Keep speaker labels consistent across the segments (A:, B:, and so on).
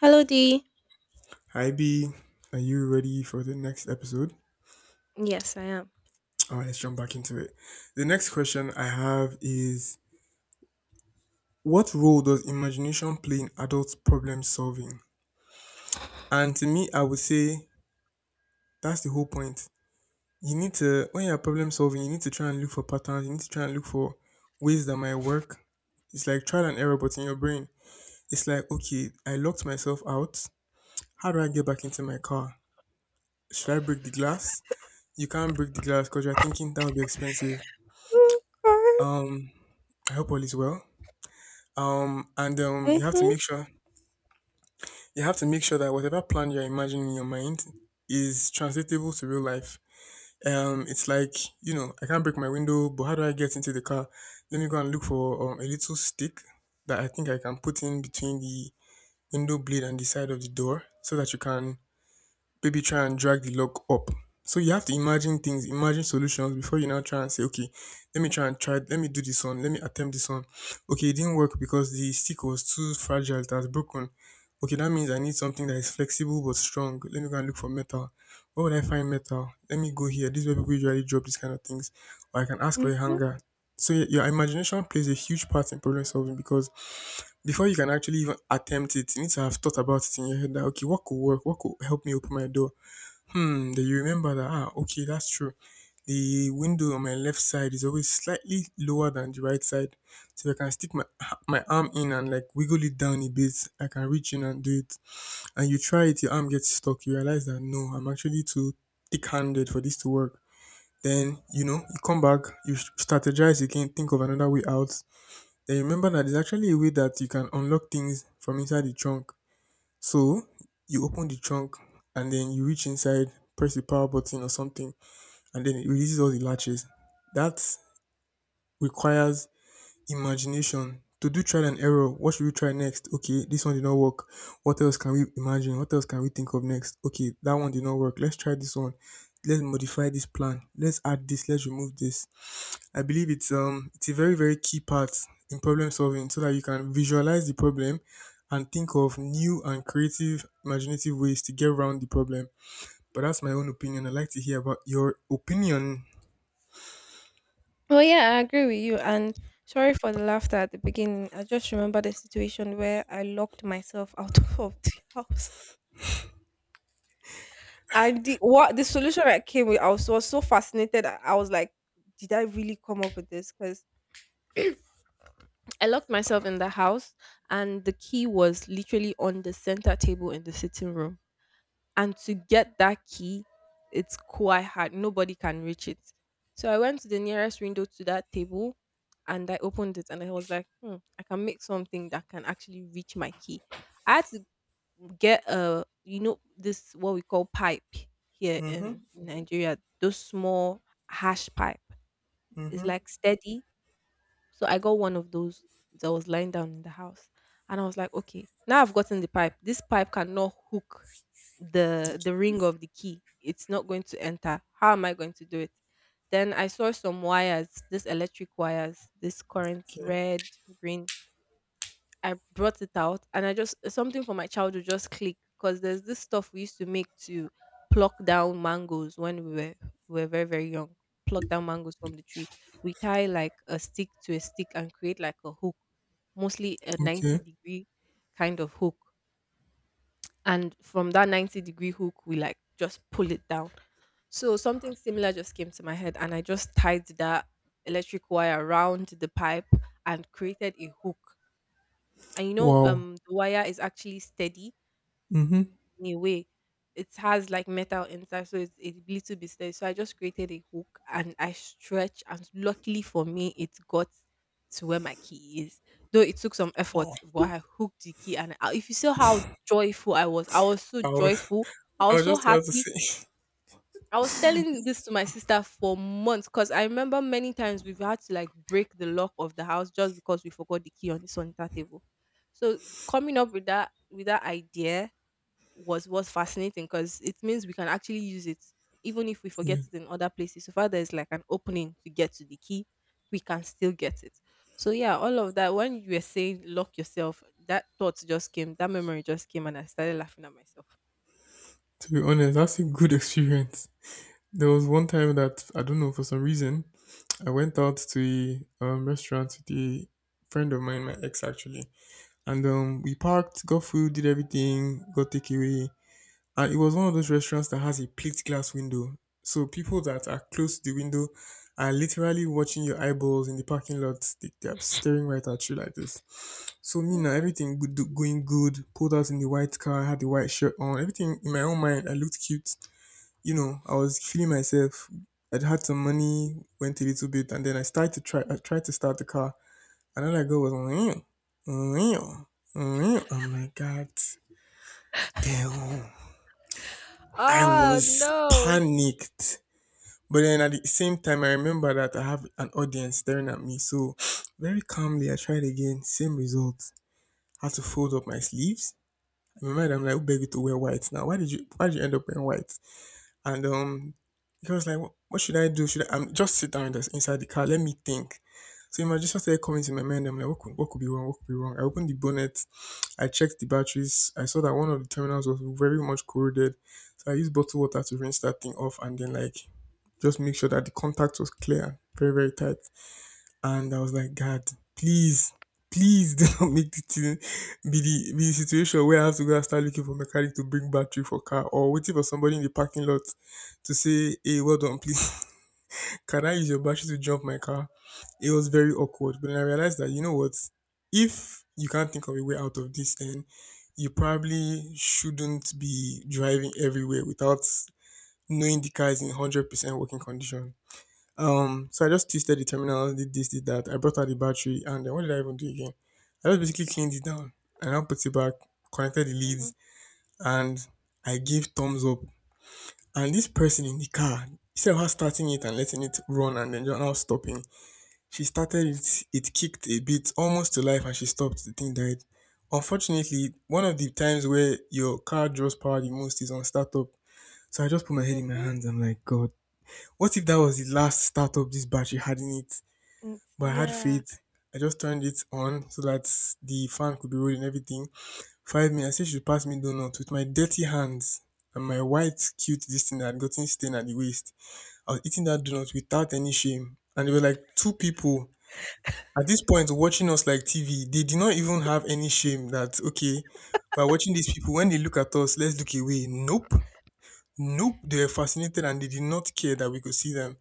A: Hello, D.
B: Hi B, are you ready for the next episode?
A: Yes, I am.
B: All right, let's jump back into it. The next question I have is: what role does imagination play in adult problem solving? And to me, I would say that's the whole point. You need to, when you're problem solving, you need to try and look for patterns, you need to try and look for ways that might work. It's like trial and error, but in your brain. It's like, okay, I locked myself out. How do I get back into my car? Should I break the glass? You can't break the glass because you're thinking that would be expensive.
A: Okay.
B: Um, I hope all is well. And you have to
A: Mhm.
B: make sure that whatever plan you're imagining in your mind is translatable to real life. It's like you know, I can't break my window, but how do I get into the car? Let me go and look for a little stick that I think I can put in between the window blade and the side of the door, so that you can maybe try and drag the log up. So you have to imagine things, imagine solutions before you now try and say, okay, let me try and try, let me do this one, let me attempt this one. Okay, it didn't work because the stick was too fragile, it has broken. Okay, that means I need something that is flexible but strong. Let me go and look for metal. Where would I find metal? Let me go here. This is where people usually drop these kind of things. Or I can ask for a
A: Mhm.
B: hanger. So your imagination plays a huge part in problem solving because before you can actually even attempt it, you need to have thought about it in your head that okay, what could work? What could help me open my door? Hmm, that you remember that. Ah, okay, that's true. The window on my left side is always slightly lower than the right side, so if I can stick my arm in and like wiggle it down a bit, I can reach in and do it. And you try it, your arm gets stuck. You realize that no, I'm actually too thick-handed for this to work. Then you know you come back, strategize again, think of another way out. Then you remember that there's actually a way that you can unlock things from inside the trunk. So, you open the trunk and then you reach inside, press the power button or something, and then it releases all the latches. That requires imagination. To do trial and error, what should we try next? Okay, this one did not work. What else can we imagine? What else can we think of next? Okay, that one did not work. Let's try this one. Let's modify this plan. Let's add this. Let's remove this. I believe it's a very very key part in problem solving so that you can visualize the problem and think of new and creative imaginative ways to get around the problem. But that's my own opinion. I'd like to hear about your opinion.
A: Well, yeah, I agree with you. And sorry for the laughter at the beginning. I just remember the situation where I locked myself out of the house. And the what the solution I came with, I was so fascinated. I was like, did I really come up with this? Because I locked myself in the house, and the key was literally on the center table in the sitting room. And to get that key, it's quite hard. Nobody can reach it. So I went to the nearest window to that table, and I opened it, and I was like, I can make something that can actually reach my key. I had to get a this what we call pipe here
B: Mhm.
A: in Nigeria, those small hash pipe. It's
B: Mhm.
A: like steady. So I got one of those that was lying down in the house. And I was like, okay, now I've gotten the pipe. This pipe cannot hook the ring of the key. It's not going to enter. How am I going to do it? Then I saw some wires, these electric wires, this current,
B: Okay.
A: red, green, I brought it out and I just something from my childhood just clicked because there's this stuff we used to make to pluck down mangoes when we were very very young. Pluck down mangoes from the tree. We tie like a stick to a stick and create like a hook, mostly a 90
B: Okay.
A: degree kind of hook. And from that 90 degree hook, we like just pull it down. So something similar just came to my head and I just tied that electric wire around the pipe and created a hook and
B: Wow.
A: the wire is actually steady
B: Mhm.
A: in a way. It has like metal inside, so it's a little bit steady. So I just created a hook and I stretch, and luckily for me, it got to where my key is. Though it took some effort,
B: Wow.
A: but I hooked the key, and if you saw how joyful I was so
B: I was
A: joyful. I
B: I
A: was
B: was
A: so
B: just about to
A: happy.
B: say.
A: I was telling this to my sister for months because I remember many times we've had to like break the lock of the house just because we forgot the key on the sanitary table. So coming up with that idea was fascinating because it means we can actually use it even if we
B: Yeah.
A: forget it in other places. So far there's like an opening to get to the key, we can still get it. So yeah, all of that when you were saying lock yourself, that thought just came, that memory just came, and I started laughing at myself.
B: To be honest, that's a good experience. There was one time that I don't know for some reason I went out to a restaurant with a friend of mine, my ex actually. And we parked, got food, did everything, got takeaway. And it was one of those restaurants that has a plate glass window. So people that are close to the window are literally watching your eyeballs in the parking lot. They are staring right at you like this. So me now,
A: Hmm.
B: everything good, going good. Pulled out in the white car, had the white shirt on. Everything in my own mind, I looked cute. You know, I was feeling myself. I'd had some money, went a little bit, and then I started to try. I tried to start the car. Another girl was real, real, real. I'm like, God damn. I
A: Oh
B: was panicked. But then at the same time, I remember that I have an audience staring at me. So very calmly, I tried again. Same result. Had to fold up my sleeves. I remember that I'm like, who beg you to wear white now? Why did you? Why did you end up wearing white? And he was like, "What should I do? Should I just sit down in the, inside the car? Let me think." So imagination started coming to my mind. I'm like, "What could be wrong? What could be wrong?" I opened the bonnet, I checked the batteries. I saw that one of the terminals was very much corroded, so I used bottled water to rinse that thing off, and then like just make sure that the contact was clear, very very tight. And I was like, God, please, please do not make it be the situation where I have to go and start looking for mechanic to bring battery for car or waiting for somebody in the parking lot to say, hey, well done, please. Can I use your battery to jump my car? It was very awkward. But then I realized that, you know what? If you can't think of a way out of this, then you probably shouldn't be driving everywhere without knowing the car is in 100% working condition. So I just tested the terminals, did this, did that. I brought out the battery, and then what did I even do again? I just basically cleaned it down. I now put it back, connected the
A: no.
B: leads, and I gave thumbs up. And this person in the car, instead of her starting it and letting it run and then just now stopping, she started it. It kicked a bit, almost to life, and she stopped. The thing died. Unfortunately, one of the times where your car draws power the most is on startup. So I just put my head in my
A: Mhm.
B: hands. I'm like, God, what if that was the last startup this battery had in it?
A: Mm,
B: But I had
A: yeah.
B: faith. I just turned it on so that the fan could be rolling everything. 5 minutes, I said she should pass me donuts with my dirty hands and my white cute this thing that had gotten stained at the waist. I was eating that donut without any shame. And there were like two people at this point watching us like TV. They did not even have any shame that okay, we're watching these people. When they look at us, let's look away. Nope. Nope, they were fascinated and they did not care that we could see them.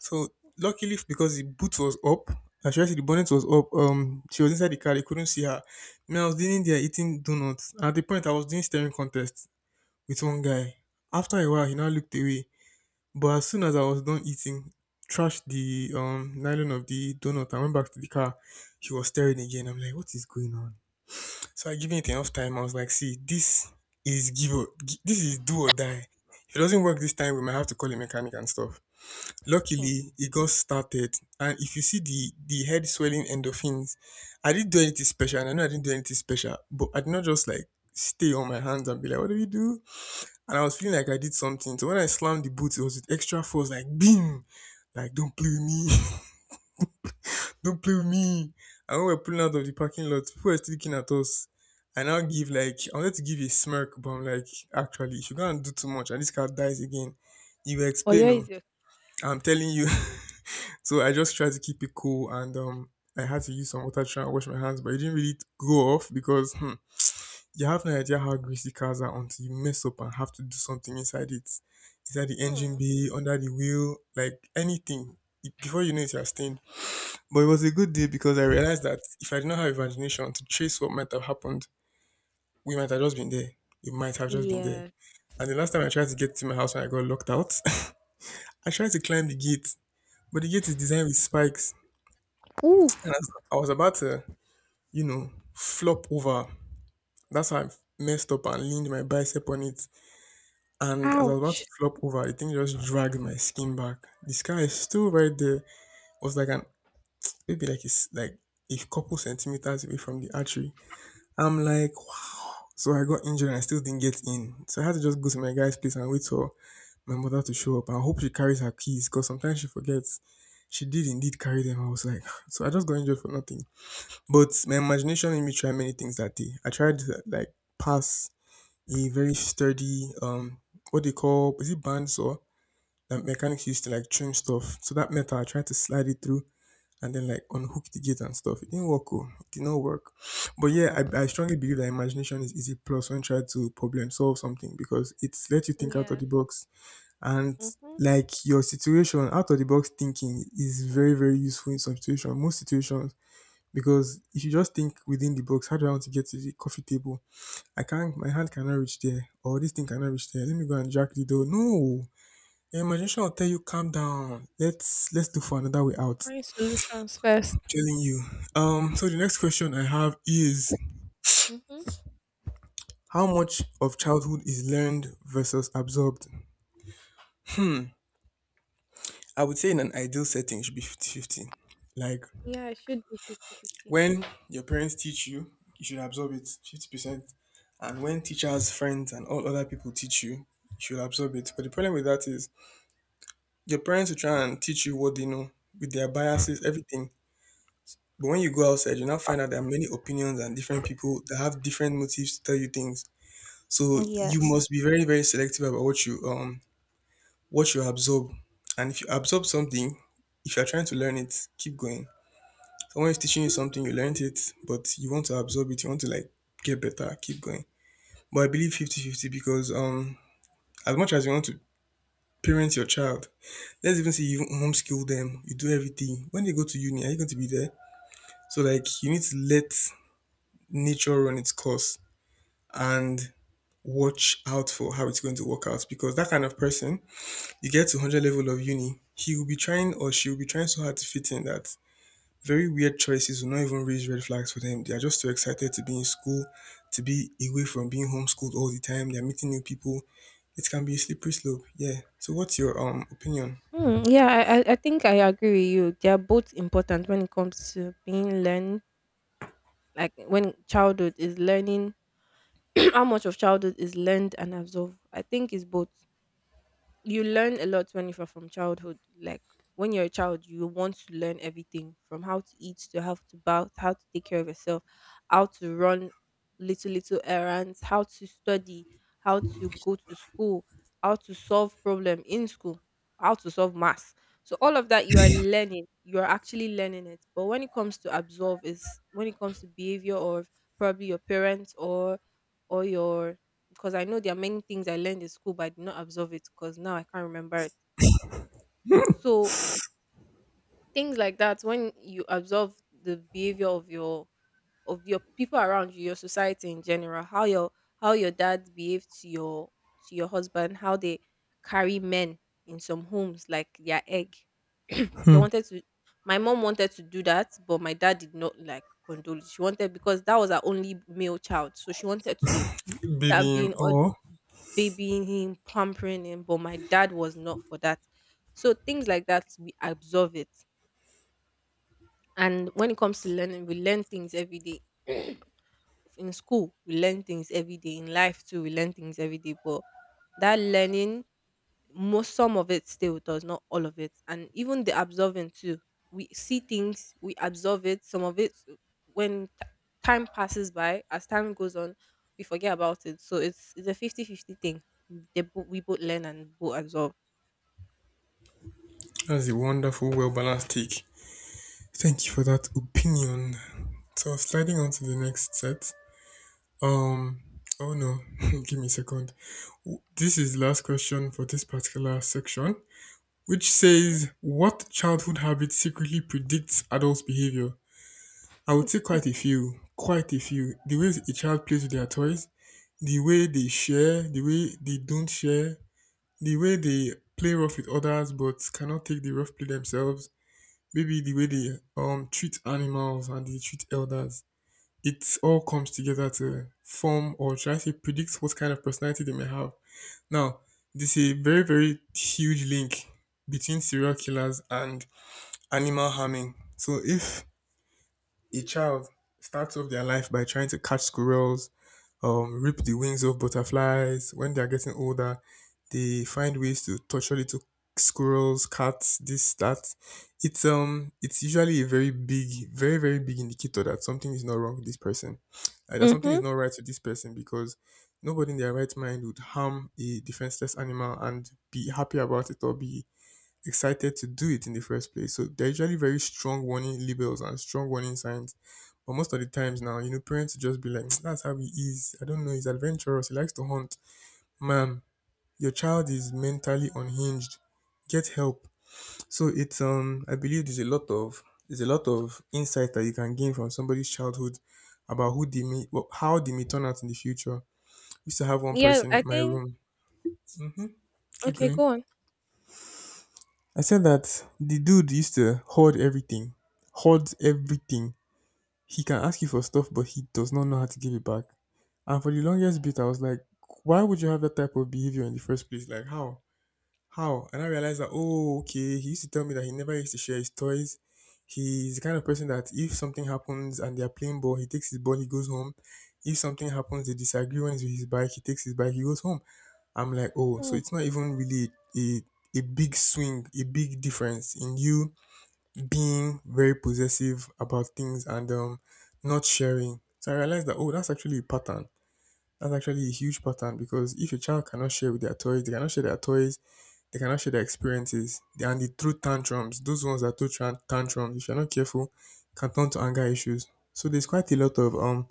B: So luckily because the boot was up, I should I say the bonnet was up, she was inside the car, they couldn't see her. Me, I was leaning there eating donuts. At the point I was doing staring contest with one guy. After a while he now looked away. But as soon as I was done eating, trashed the nylon of the donut, I went back to the car, he was staring again. I'm like, what is going on? So I given it enough time. I was like, see, this is do or die. If it doesn't work this time, we might have to call a mechanic and stuff.
A: Hmm.
B: Luckily, it got started. And if you see the head swelling endorphins, I didn't do anything special, and I know I didn't do anything special, but I did not just like stay on my hands and be like, what do we do? And I was feeling like I did something. So when I slammed the boot, it was with extra force, like bing, like don't play with me. Don't play with me. And when we are pulling out of the parking lot, people were still looking at us. I now give like I wanted to give a smirk, but I'm like, actually, if you go and do too much and this car dies again, you will
A: Oh, yeah,
B: explain. Oh,
A: is your
B: I'm telling you. So I just tried to keep it cool and I had to use some water to try and wash my hands, but it didn't really go off because hmm, you have no idea how greasy cars are until you mess up and have to do something inside it. Inside the engine
A: hmm.
B: bay, under the wheel, like anything. Before you know it, you're stained. But it was a good day because I realized that if I did not have imagination to trace what might have happened, we might have just been there. It might have just been there.
A: Yeah.
B: And the last time I tried to get to my house and I got locked out, I tried to climb the gate, but the gate is designed with spikes. And
A: Oof.
B: as I was about to, flop over, that's how I messed up and leaned my bicep on it. And as I was about
A: Ouch.
B: to flop over, the thing just dragged my skin back. The scar is still right there. It was like an, maybe like it's like a couple centimeters away from the artery. I'm like, wow. So I got injured and I still didn't get in. So I had to just go to my guy's place and wait for my mother to show up. I hope she carries her keys because sometimes she forgets. She did indeed carry them. I was like, so I just got injured for nothing. But my imagination made me try many things that day. I tried to like pass a very sturdy, what they call, is it bandsaw? That mechanics used to like trim stuff. So that metal, I tried to slide it through and then like unhook the gate and stuff. It didn't work. Oh. It did not work. But yeah, I strongly believe that imagination is easy plus when tried to problem solve something because it's let you think out of
A: Yes.
B: the box, and
A: Mm-hmm.
B: like your situation, out of the box thinking is very very useful in some situations, most situations, because if you just think within the box, how do I want to get to the coffee table? I can't, my hand cannot reach there or this thing cannot reach there. Let me go and jack the door. No, your imagination will tell you, calm down, let's look for another way out.
A: Find solutions first.
B: Telling you. So the next question I have is
A: Mm-hmm.
B: how much of childhood is learned versus absorbed? I would say in an ideal setting it should be 50 fifty. Like
A: Yeah, it should be 50-50.
B: when your parents teach you, you should absorb it 50%. And when teachers, friends and all other people teach you, you should absorb it. But the problem with that is your parents will try and teach you what they know with their biases, everything. But when you go outside, you now find out there are many opinions and different people that have different motives to tell you things. So you
A: Yes.
B: must be very, very selective about what you absorb. And if you absorb something, if you're trying to learn it, keep going. Someone is teaching you something, you learned it, but you want to absorb it, you want to like get better, keep going. But I believe fifty-fifty because as much as you want to parent your child, let's even say you homeschool them, you do everything. When they go to uni, are you going to be there? So like you need to let nature run its course and watch out for how it's going to work out, because that kind of person, you get to 100 level of uni, he will be trying or she will be trying so hard to fit in that very weird choices will not even raise red flags for them. They are just too excited to be in school, to be away from being homeschooled all the time. They're meeting new people. It can be a slippery slope. Yeah. So what's your opinion?
A: Hmm. Yeah, I think I agree with you. They are both important when it comes to being learned. Like when childhood is learning, how much of childhood is learned and absorbed. I think it's both. You learn a lot when you're from childhood. Like when you're a child, you want to learn everything from how to eat to how to bath, how to take care of yourself, how to run little little errands, how to study, how to go to school, how to solve problem in school, how to solve maths. So all of that you are learning, you are actually learning it. But when it comes to absorb is when it comes to behavior or probably your parents or your because I know there are many things I learned in school, but I did not absorb it because now I can't remember it. So things like that, when you absorb the behavior of your people around you, your society in general, how your dad behave to your husband, how they carry men in some homes like their egg. they wanted to my mom wanted to do that, but my dad did not like condole it. She wanted because that was her only male child. So she wanted to start
B: Baby him
A: being all
B: or
A: babying him, pampering him, but my dad was not for that. So things like that, we absorb it. And when it comes to learning, we learn things every day. In school we learn things every day, in life too we learn things every day, but that learning, most some of it stay with us, not all of it. And even the absorbing too, we see things, we absorb it, some of it. When time passes by, as time goes on, we forget about it. So it's a 50 50 thing. They, bo- we both learn and both absorb.
B: that's a wonderful, well balanced take. Thank you for that opinion. So sliding on to the next set. Um oh no, give me a second. This is the last question for this particular section, which
A: Okay.
B: says, what childhood habits secretly predicts adult behavior? I would say quite a few, quite a few. The way a child plays with their toys, the way they share, the way they don't share, the way they play rough with others but cannot take the rough play themselves, maybe the way they treat animals and they treat elders. It all comes together to form, or should I say predicts, what kind of personality they may have. Now, this is a very, very huge link between serial killers and animal harming. So if a child starts off their life by trying to catch squirrels, rip the wings of butterflies, when they are getting older, they find ways to torture little squirrels, cats, this, that. It's usually a very big, very, very big indicator that something is not wrong with this person, that something
A: Mm-hmm.
B: is not right with this person, because nobody in their right mind would harm a defenseless animal and be happy about it or be excited to do it in the first place. So they're usually very strong warning labels and strong warning signs. But most of the times now, you know, parents just be like, "Hmm, that's how he is. I don't know, he's adventurous, he likes to hunt." Ma'am, your child is mentally unhinged. Get help. So it's I believe there's a lot of insight that you can gain from somebody's childhood about who they may, well, how they may turn out in the future. We used to have one
A: Yeah,
B: person
A: I
B: in my
A: think.
B: room. Hmm. Keep
A: Okay,
B: going.
A: go
B: I said that the dude used to hoard everything, hoards everything. He can ask you for stuff, but he does not know how to give it back. And for the longest bit, I was like, why would you have that type of behavior in the first place? Like, how? How? And I realized that, oh, okay, he used to tell me that he never used to share his toys. He's the kind of person that if something happens and they're playing ball, he takes his ball, he goes home. If something happens, they disagree when he's with his bike, he takes his bike, he goes home. I'm like, "Oh, so
A: on.
B: it's not even really a a big swing, a big difference in you being very possessive about things and not sharing." So I realized that, oh, that's actually a pattern. That's actually a huge pattern, because if a child cannot share with their toys, they cannot share their toys, they cannot share their experiences, and they throw tantrums. Those ones that throw tantrums, if you're not careful, can turn to anger issues. So there's quite a lot of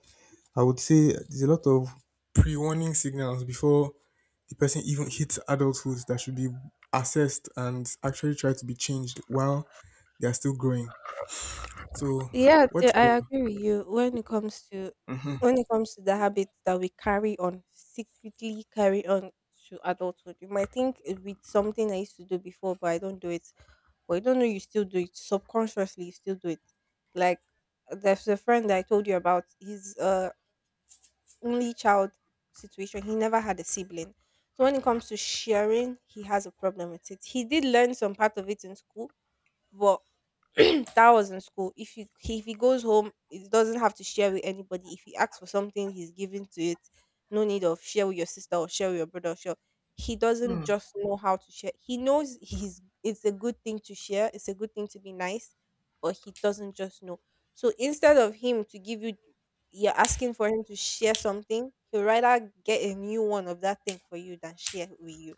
B: I would say there's a lot of pre warning signals before the person even hits adulthood that should be assessed and actually try to be changed while they are still growing. So,
A: Yeah,
B: what should
A: I agree with you. When it comes to the habits that we carry on, secretly carry on to adulthood, you might think it with something I used to do before, but I don't do it. But you don't know you still do it subconsciously. You still do it. Like there's a friend that I told you about. His only child situation. He never had a sibling. So when it comes to sharing, he has a problem with it. He did learn some part of it in school, but that was in school. If he goes home, he doesn't have to share with anybody. If he asks for something, he's giving to it. No need of share with your sister or share with your brother. Or share. He doesn't just know how to share. He knows he's it's a good thing to share. It's a good thing to be nice, but he doesn't just know. So instead of him to give you, you're asking for him to share something. He'll rather get a new one of that thing for you than share with you.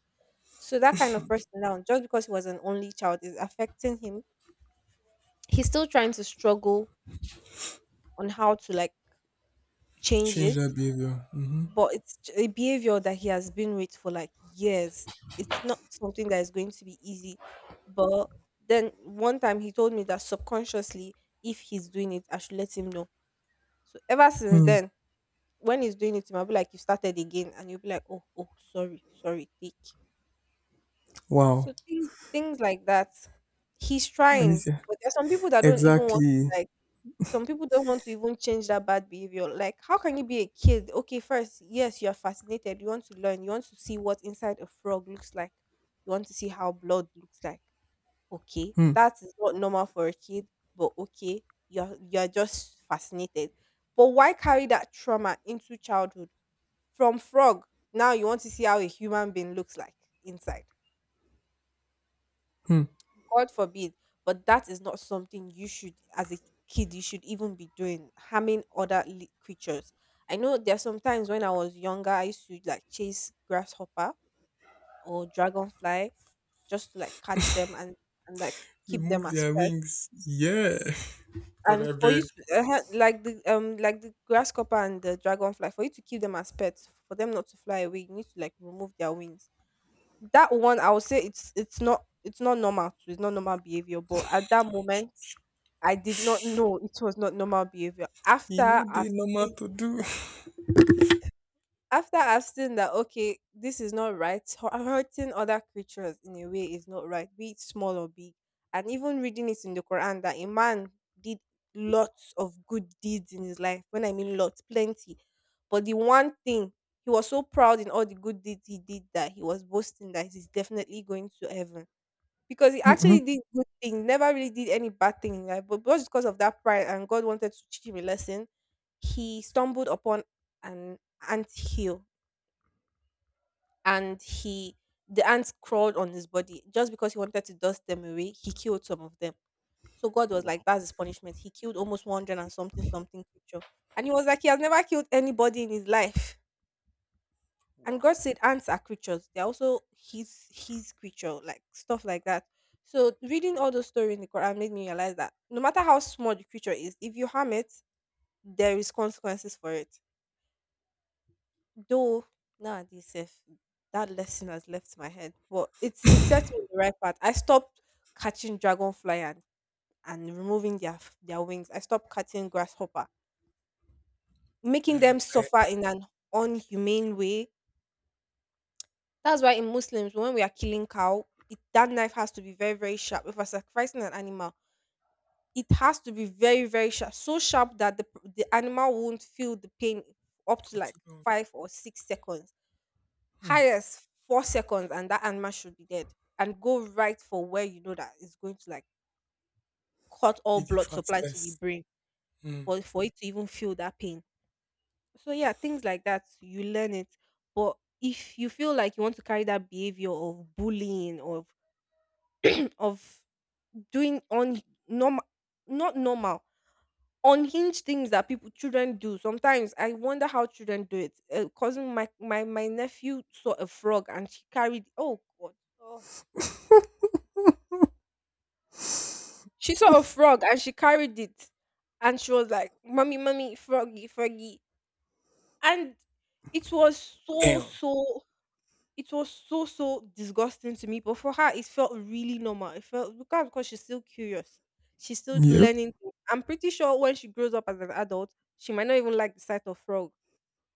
A: So that kind of person now, just because he was an only child, is affecting him. He's still trying to struggle on how to like change
B: change
A: it,
B: that behavior? Mhm.
A: but it's a behavior that he has been with for like years. It's not something that is going to be easy. But then one time he told me that subconsciously, if he's doing it, I should let him know. So ever since
B: Hmm.
A: then, when he's doing it, I'll be like, "You started again," and you'll be like, "Oh, oh, sorry, sorry, take."
B: Wow.
A: So things like that, he's
B: I need
A: trying.
B: to-
A: But there's some people that don't even want
B: exactly.
A: to like... Some people don't want to even change that bad behavior. Like, how can you be a kid? Okay, first, yes, you're fascinated. You want to learn. You want to see what inside a frog looks like. You want to see how blood looks like. Okay,
B: Hmm.
A: that is not normal for a kid, but okay, you're just fascinated. But why carry that trauma into childhood? From frog, now you want to see how a human being looks like inside. God forbid, but that is not something you should, as a kid, you should even be doing, harming other creatures. I know there are some times when I was younger, I used to like chase grasshopper or dragonfly just to like catch them, and like keep them
B: Remove
A: as
B: their
A: pets.
B: wings. Yeah. God,
A: And
B: I
A: for
B: beg.
A: you to like the grasshopper and the dragonfly, for you to keep them as pets, for them not to fly away, you need to like remove their wings. That one, I would say it's not normal. It's not normal behavior. But at that moment, I did not know it was not normal behavior.
B: You know, they normal
A: Seen,
B: to do.
A: after I've seen that, okay, this is not right. Hurting other creatures in a way is not right, be it small or big. And even reading it in the Quran that a man did lots of good deeds in his life. When I mean lots, plenty. But the one thing, he was so proud in all the good deeds he did that he was boasting that he's definitely going to heaven because he
B: Mhm.
A: actually did good thing, never really did any bad thing in life. But just because of that pride and God wanted to teach him a lesson, he stumbled upon an ant hill and he the ants crawled on his body just because he wanted to dust them away. He killed some of them. So God was
B: Wow.
A: like, "That's his punishment." He killed almost 100 and something something creature, and he was like, he has never killed anybody in his life. And God
B: Wow.
A: said ants are creatures. They're also his creature, like stuff like that. So reading all those stories in the Quran made me realize that no matter how small the creature is, if you harm it, there is consequences for it. Though nowadays, if that lesson has left my head. But it set me on the right path. I stopped catching dragonfly and removing their wings. I stopped catching grasshopper, making
B: I,
A: them
B: I,
A: suffer in an unhumane way. That's why in Muslims, when we are killing cow, that knife has to be very, very sharp. If we're sacrificing an animal, it has to be very, very sharp, so sharp that the animal won't feel the pain up to
B: for
A: like
B: too long.
A: 5 or 6 seconds,
B: Hmm.
A: highest 4 seconds, and that animal should be dead. And go right for where you know that it's going to like cut all
B: Be the
A: blood supply to the
B: fastest.
A: brain
B: Hmm.
A: for it to even feel that pain. So yeah, things like that you learn it, but if you feel like you want to carry that behavior of bullying of of doing on normal, not normal, unhinged things that people children do. Sometimes I wonder how children do it. Cousin, my nephew saw a frog and she carried, oh god, oh, she saw a frog and she carried it and she was like, mommy mommy, froggy froggy. And it was
B: Damn.
A: It was so, so disgusting to me, but for her, it felt really normal. It felt, because she's still curious. She's still
B: Yep.
A: learning things. I'm pretty sure when she grows up as an adult, she might not even like the sight of frog.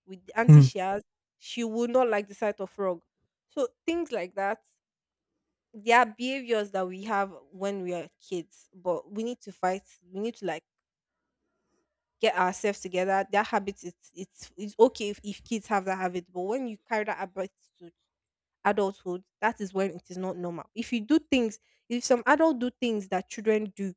A: With the auntie
B: Hmm.
A: she has, she would not like the sight of frog. So things like that, they are behaviors that we have when we are kids, but we need to fight. We need to like get ourselves together. That habit, it's okay if kids have that habit, but when you carry that habit to adulthood, that is when it is not normal. If you do things, if some adult do things that children do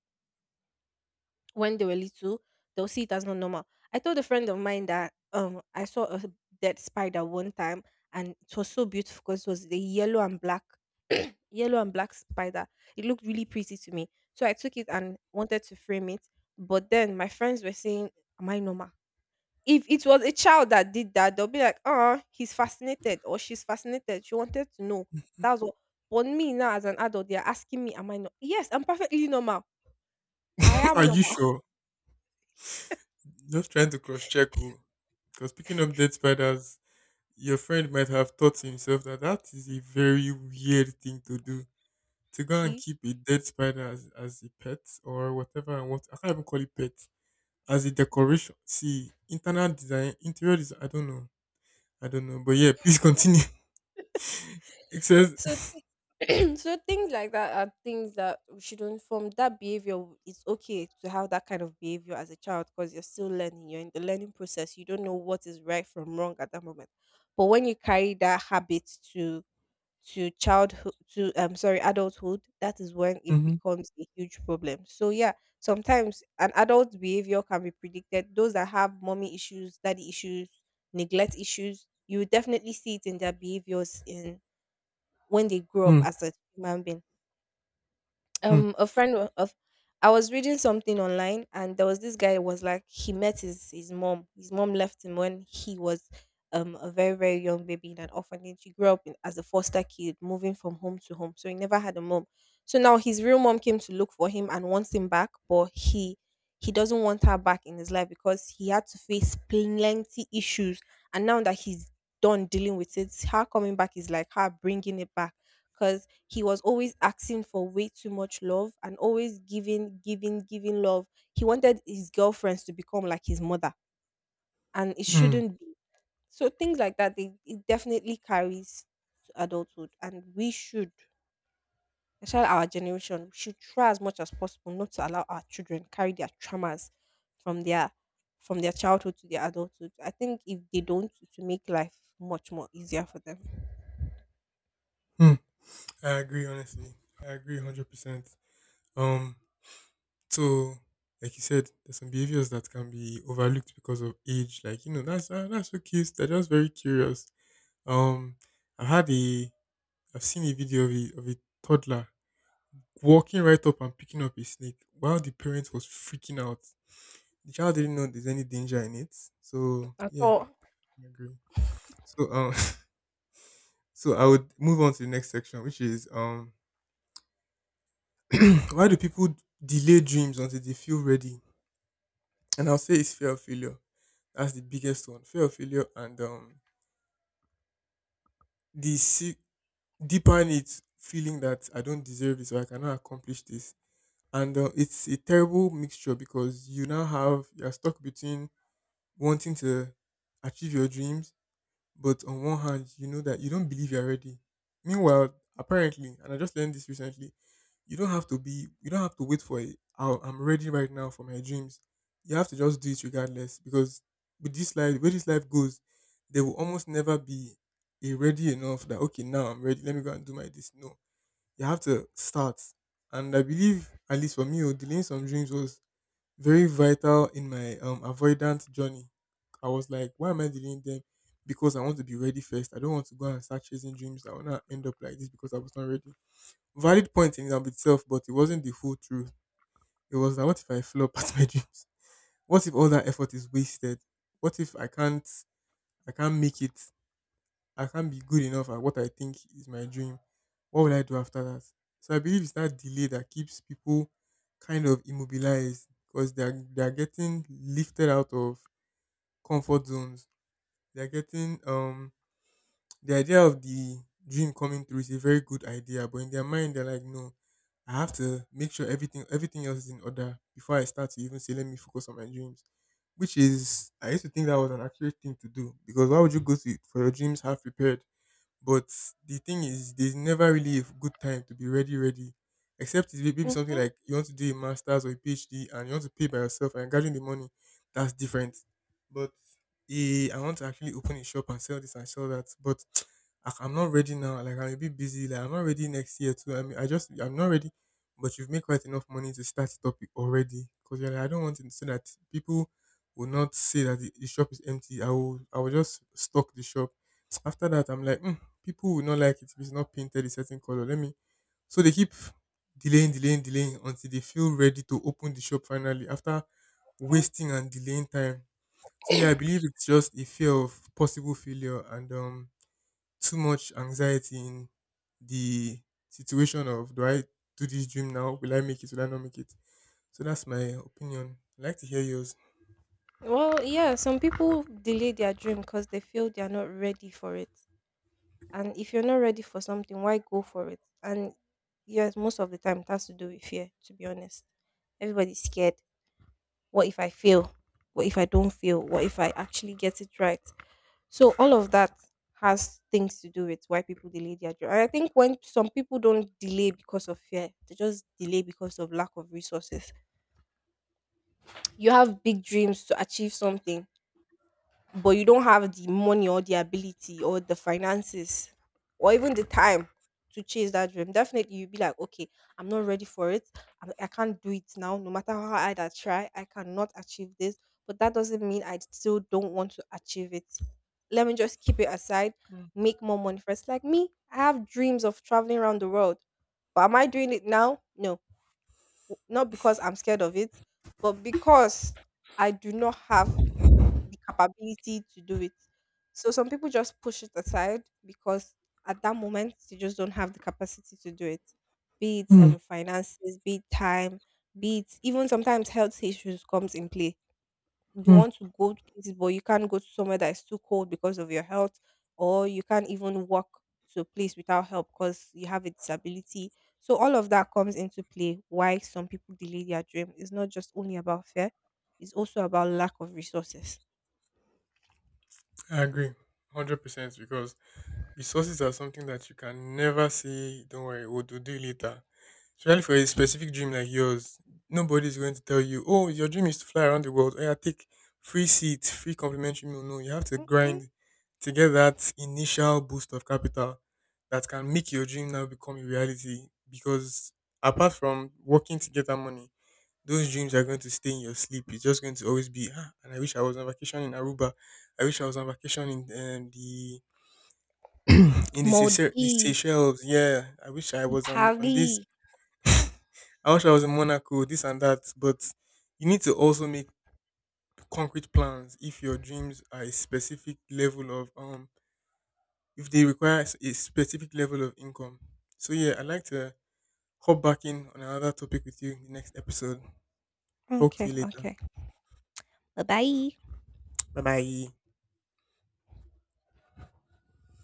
A: when they were little, they'll see it as not normal. I told a friend of mine that I saw a dead spider one time and it was so beautiful because it was the yellow and black yellow and black spider. It looked really pretty to me. So I took it and wanted to frame it. But then my friends were saying, am I normal? If it was a child that did that, they'll be like, he's fascinated or she's fascinated. She wanted to know." That's what. But me now, as an adult, they're asking me, "Am I not?" Yes, I'm perfectly normal. I
B: Are
A: am
B: you
A: normal.
B: sure? Just trying to cross check. Because picking up dead spiders, your friend might have thought to himself that that is a very weird thing to do. To go and
A: See,
B: keep a dead spider as a pet or whatever, and what, I can't even call it pet, as a decoration. See, internal design, interior design, I don't know. I don't know. But yeah, please continue. Except,
A: so so things like that are things that we shouldn't form. That behavior, it's okay to have that kind of behavior as a child because you're still learning. You're in the learning process. You don't know what is right from wrong at that moment. But when you carry that habit to childhood, to sorry, adulthood, that is when it
B: mhm.
A: becomes a huge problem. So yeah, sometimes an adult's behavior can be predicted. Those that have mommy issues, daddy issues, neglect issues, you will definitely see it in their behaviors in when they grow up
B: Hmm.
A: as a human being.
B: Hmm.
A: A friend wa- of I was reading something online and there was this guy was like, he met his mom. His mom left him when he was a very, very young baby in an orphanage. He grew up in, as a foster kid, moving from home to home, so he never had a mom. So now his real mom came to look for him and wants him back, but he doesn't want her back in his life because he had to face plenty issues, and now that he's done dealing with it, her coming back is like her bringing it back, because he was always asking for way too much love and always giving, giving, giving love. He wanted his girlfriends to become like his mother, and it
B: mm,
A: shouldn't be. So things like that, they, it definitely carries to adulthood, and we should, especially our generation, should try as much as possible not to allow our children carry their traumas from their from their childhood to their adulthood. I think if they don't, to make life much more easier for them
B: mm, I agree, honestly. I agree 100%. Um, So, like you said, there's some behaviors that can be overlooked because of age. Like you know, that's ah, that's so cute. They're just very curious. Um, I had a, I've seen a video of a toddler walking right up and picking up a snake while the parent was freaking out. The child didn't know there's any danger in it. So
A: at
B: yeah,
A: all.
B: I agree. So so I would move on to the next section, which is why do people delay dreams until they feel ready? And I'll say it's fear of failure. That's the biggest one. Fear of failure and the sick deeper it feeling that I don't deserve this or I cannot accomplish this. And it's a terrible mixture because you now have you're stuck between wanting to achieve your dreams, but on one hand, you know that you don't believe you're ready. Meanwhile, apparently, and I just learned this recently, you don't have to wait for it. "Oh, I'm ready right now for my dreams." You have to just do it regardless, because with this life, where this life goes, there will almost never be a ready enough that, okay, now I'm ready. Let me go and do my this. No. You have to start. And I believe, at least for me, oh, delaying some dreams was very vital in my avoidant journey. I was like, why am I delaying them? Because I want to be ready first. I don't want to go and start chasing dreams that will not end up like this because I was not ready. Valid point in and of itself, but it wasn't the full truth. It was that what if I flop at my dreams? What if all that effort is wasted? What if I can't make it? I can't be good enough at what I think is my dream. What will I do after that? So I believe it's that delay that keeps people kind of immobilized because they're getting lifted out of comfort zones. They're getting um the idea of the dream coming through is a very good idea, but in their mind they're like, no, I have to make sure everything else is in order before I start to even say let me focus on my dreams. Which is I used to think that was an accurate thing to do because why would you go to for your dreams half prepared? But the thing is, there's never really a good time to be ready, ready. Except it's maybe something
A: Hmm.
B: like you want to do a master's or a PhD and you want to pay by yourself and gathering the money. That's different. But I want to actually open a shop and sell this and sell that. But I'm not ready now. Like I'm a bit busy. Like I'm not ready next year too. I mean, I'm not ready. But you've made quite enough money to start it up already. Cause you're like, I don't want it so that people will not say that the shop is empty. I will just stock the shop. After that, I'm like, "Hmm, people will not like it if it's not painted a certain color. Let me." So they keep delaying, delaying, delaying until they feel ready to open the shop finally after wasting and delaying time. So yeah, I believe it's just a fear of possible failure and too much anxiety in the situation of do I do this dream now? Will I make it? Will I not make it? So that's my opinion. I'd like to hear yours.
A: Well, yeah, some people delay their dream because they feel they are not ready for it. And if you're not ready for something, why go for it? And yes, most of the time it has to do with fear, to be honest. Everybody's scared. What if I fail? What if I don't fail? What if I actually get it right? So all of that has things to do with why people delay their dream. And I think when some people don't delay because of fear, they just delay because of lack of resources. You have big dreams to achieve something, but you don't have the money or the ability or the finances or even the time to chase that dream, definitely you'll be like, okay, I'm not ready for it. I can't do it now. No matter how hard I try, I cannot achieve this. But that doesn't mean I still don't want to achieve it. Let me just keep it aside, make more money first. Like me, I have dreams of traveling around the world. But am I doing it now? No. Not because I'm scared of it, but because I do not have the capability to do it. So some people just push it aside because at that moment they just don't have the capacity to do it. Be it
B: Mm,
A: finances, be it time, be it even sometimes health issues comes in play. You
B: mm.
A: want to go to places, but you can't go to somewhere that is too cold because of your health, or you can't even walk to a place without help because you have a disability. So all of that comes into play. Why some people delay their dream? It's not just only about fear; it's also about lack of resources.
B: I agree, 100% because resources are something that you can never say, don't worry, we'll do it later. Especially for a specific dream like yours, nobody's going to tell you, oh, your dream is to fly around the world. Oh, yeah, take free seats, free complimentary meal. No, you have to grind to get that initial boost of capital that can make your dream now become a reality. Because apart from working to get that money, those dreams are going to stay in your sleep. It's just going to always be, ah, and I wish I was on vacation in Aruba. I wish I was on vacation in the Seychelles, the
A: Modi,
B: Seychelles. Yeah, I wish I was on this.
A: Paris.
B: I wish I was in Monaco, this and that. But you need to also make concrete plans if your dreams are a specific level of if they require a specific level of income. So yeah, I'd like to hop back in on another topic with you in the next episode. Talk to
A: Okay,
B: you later.
A: okay. Bye bye.
B: Bye bye.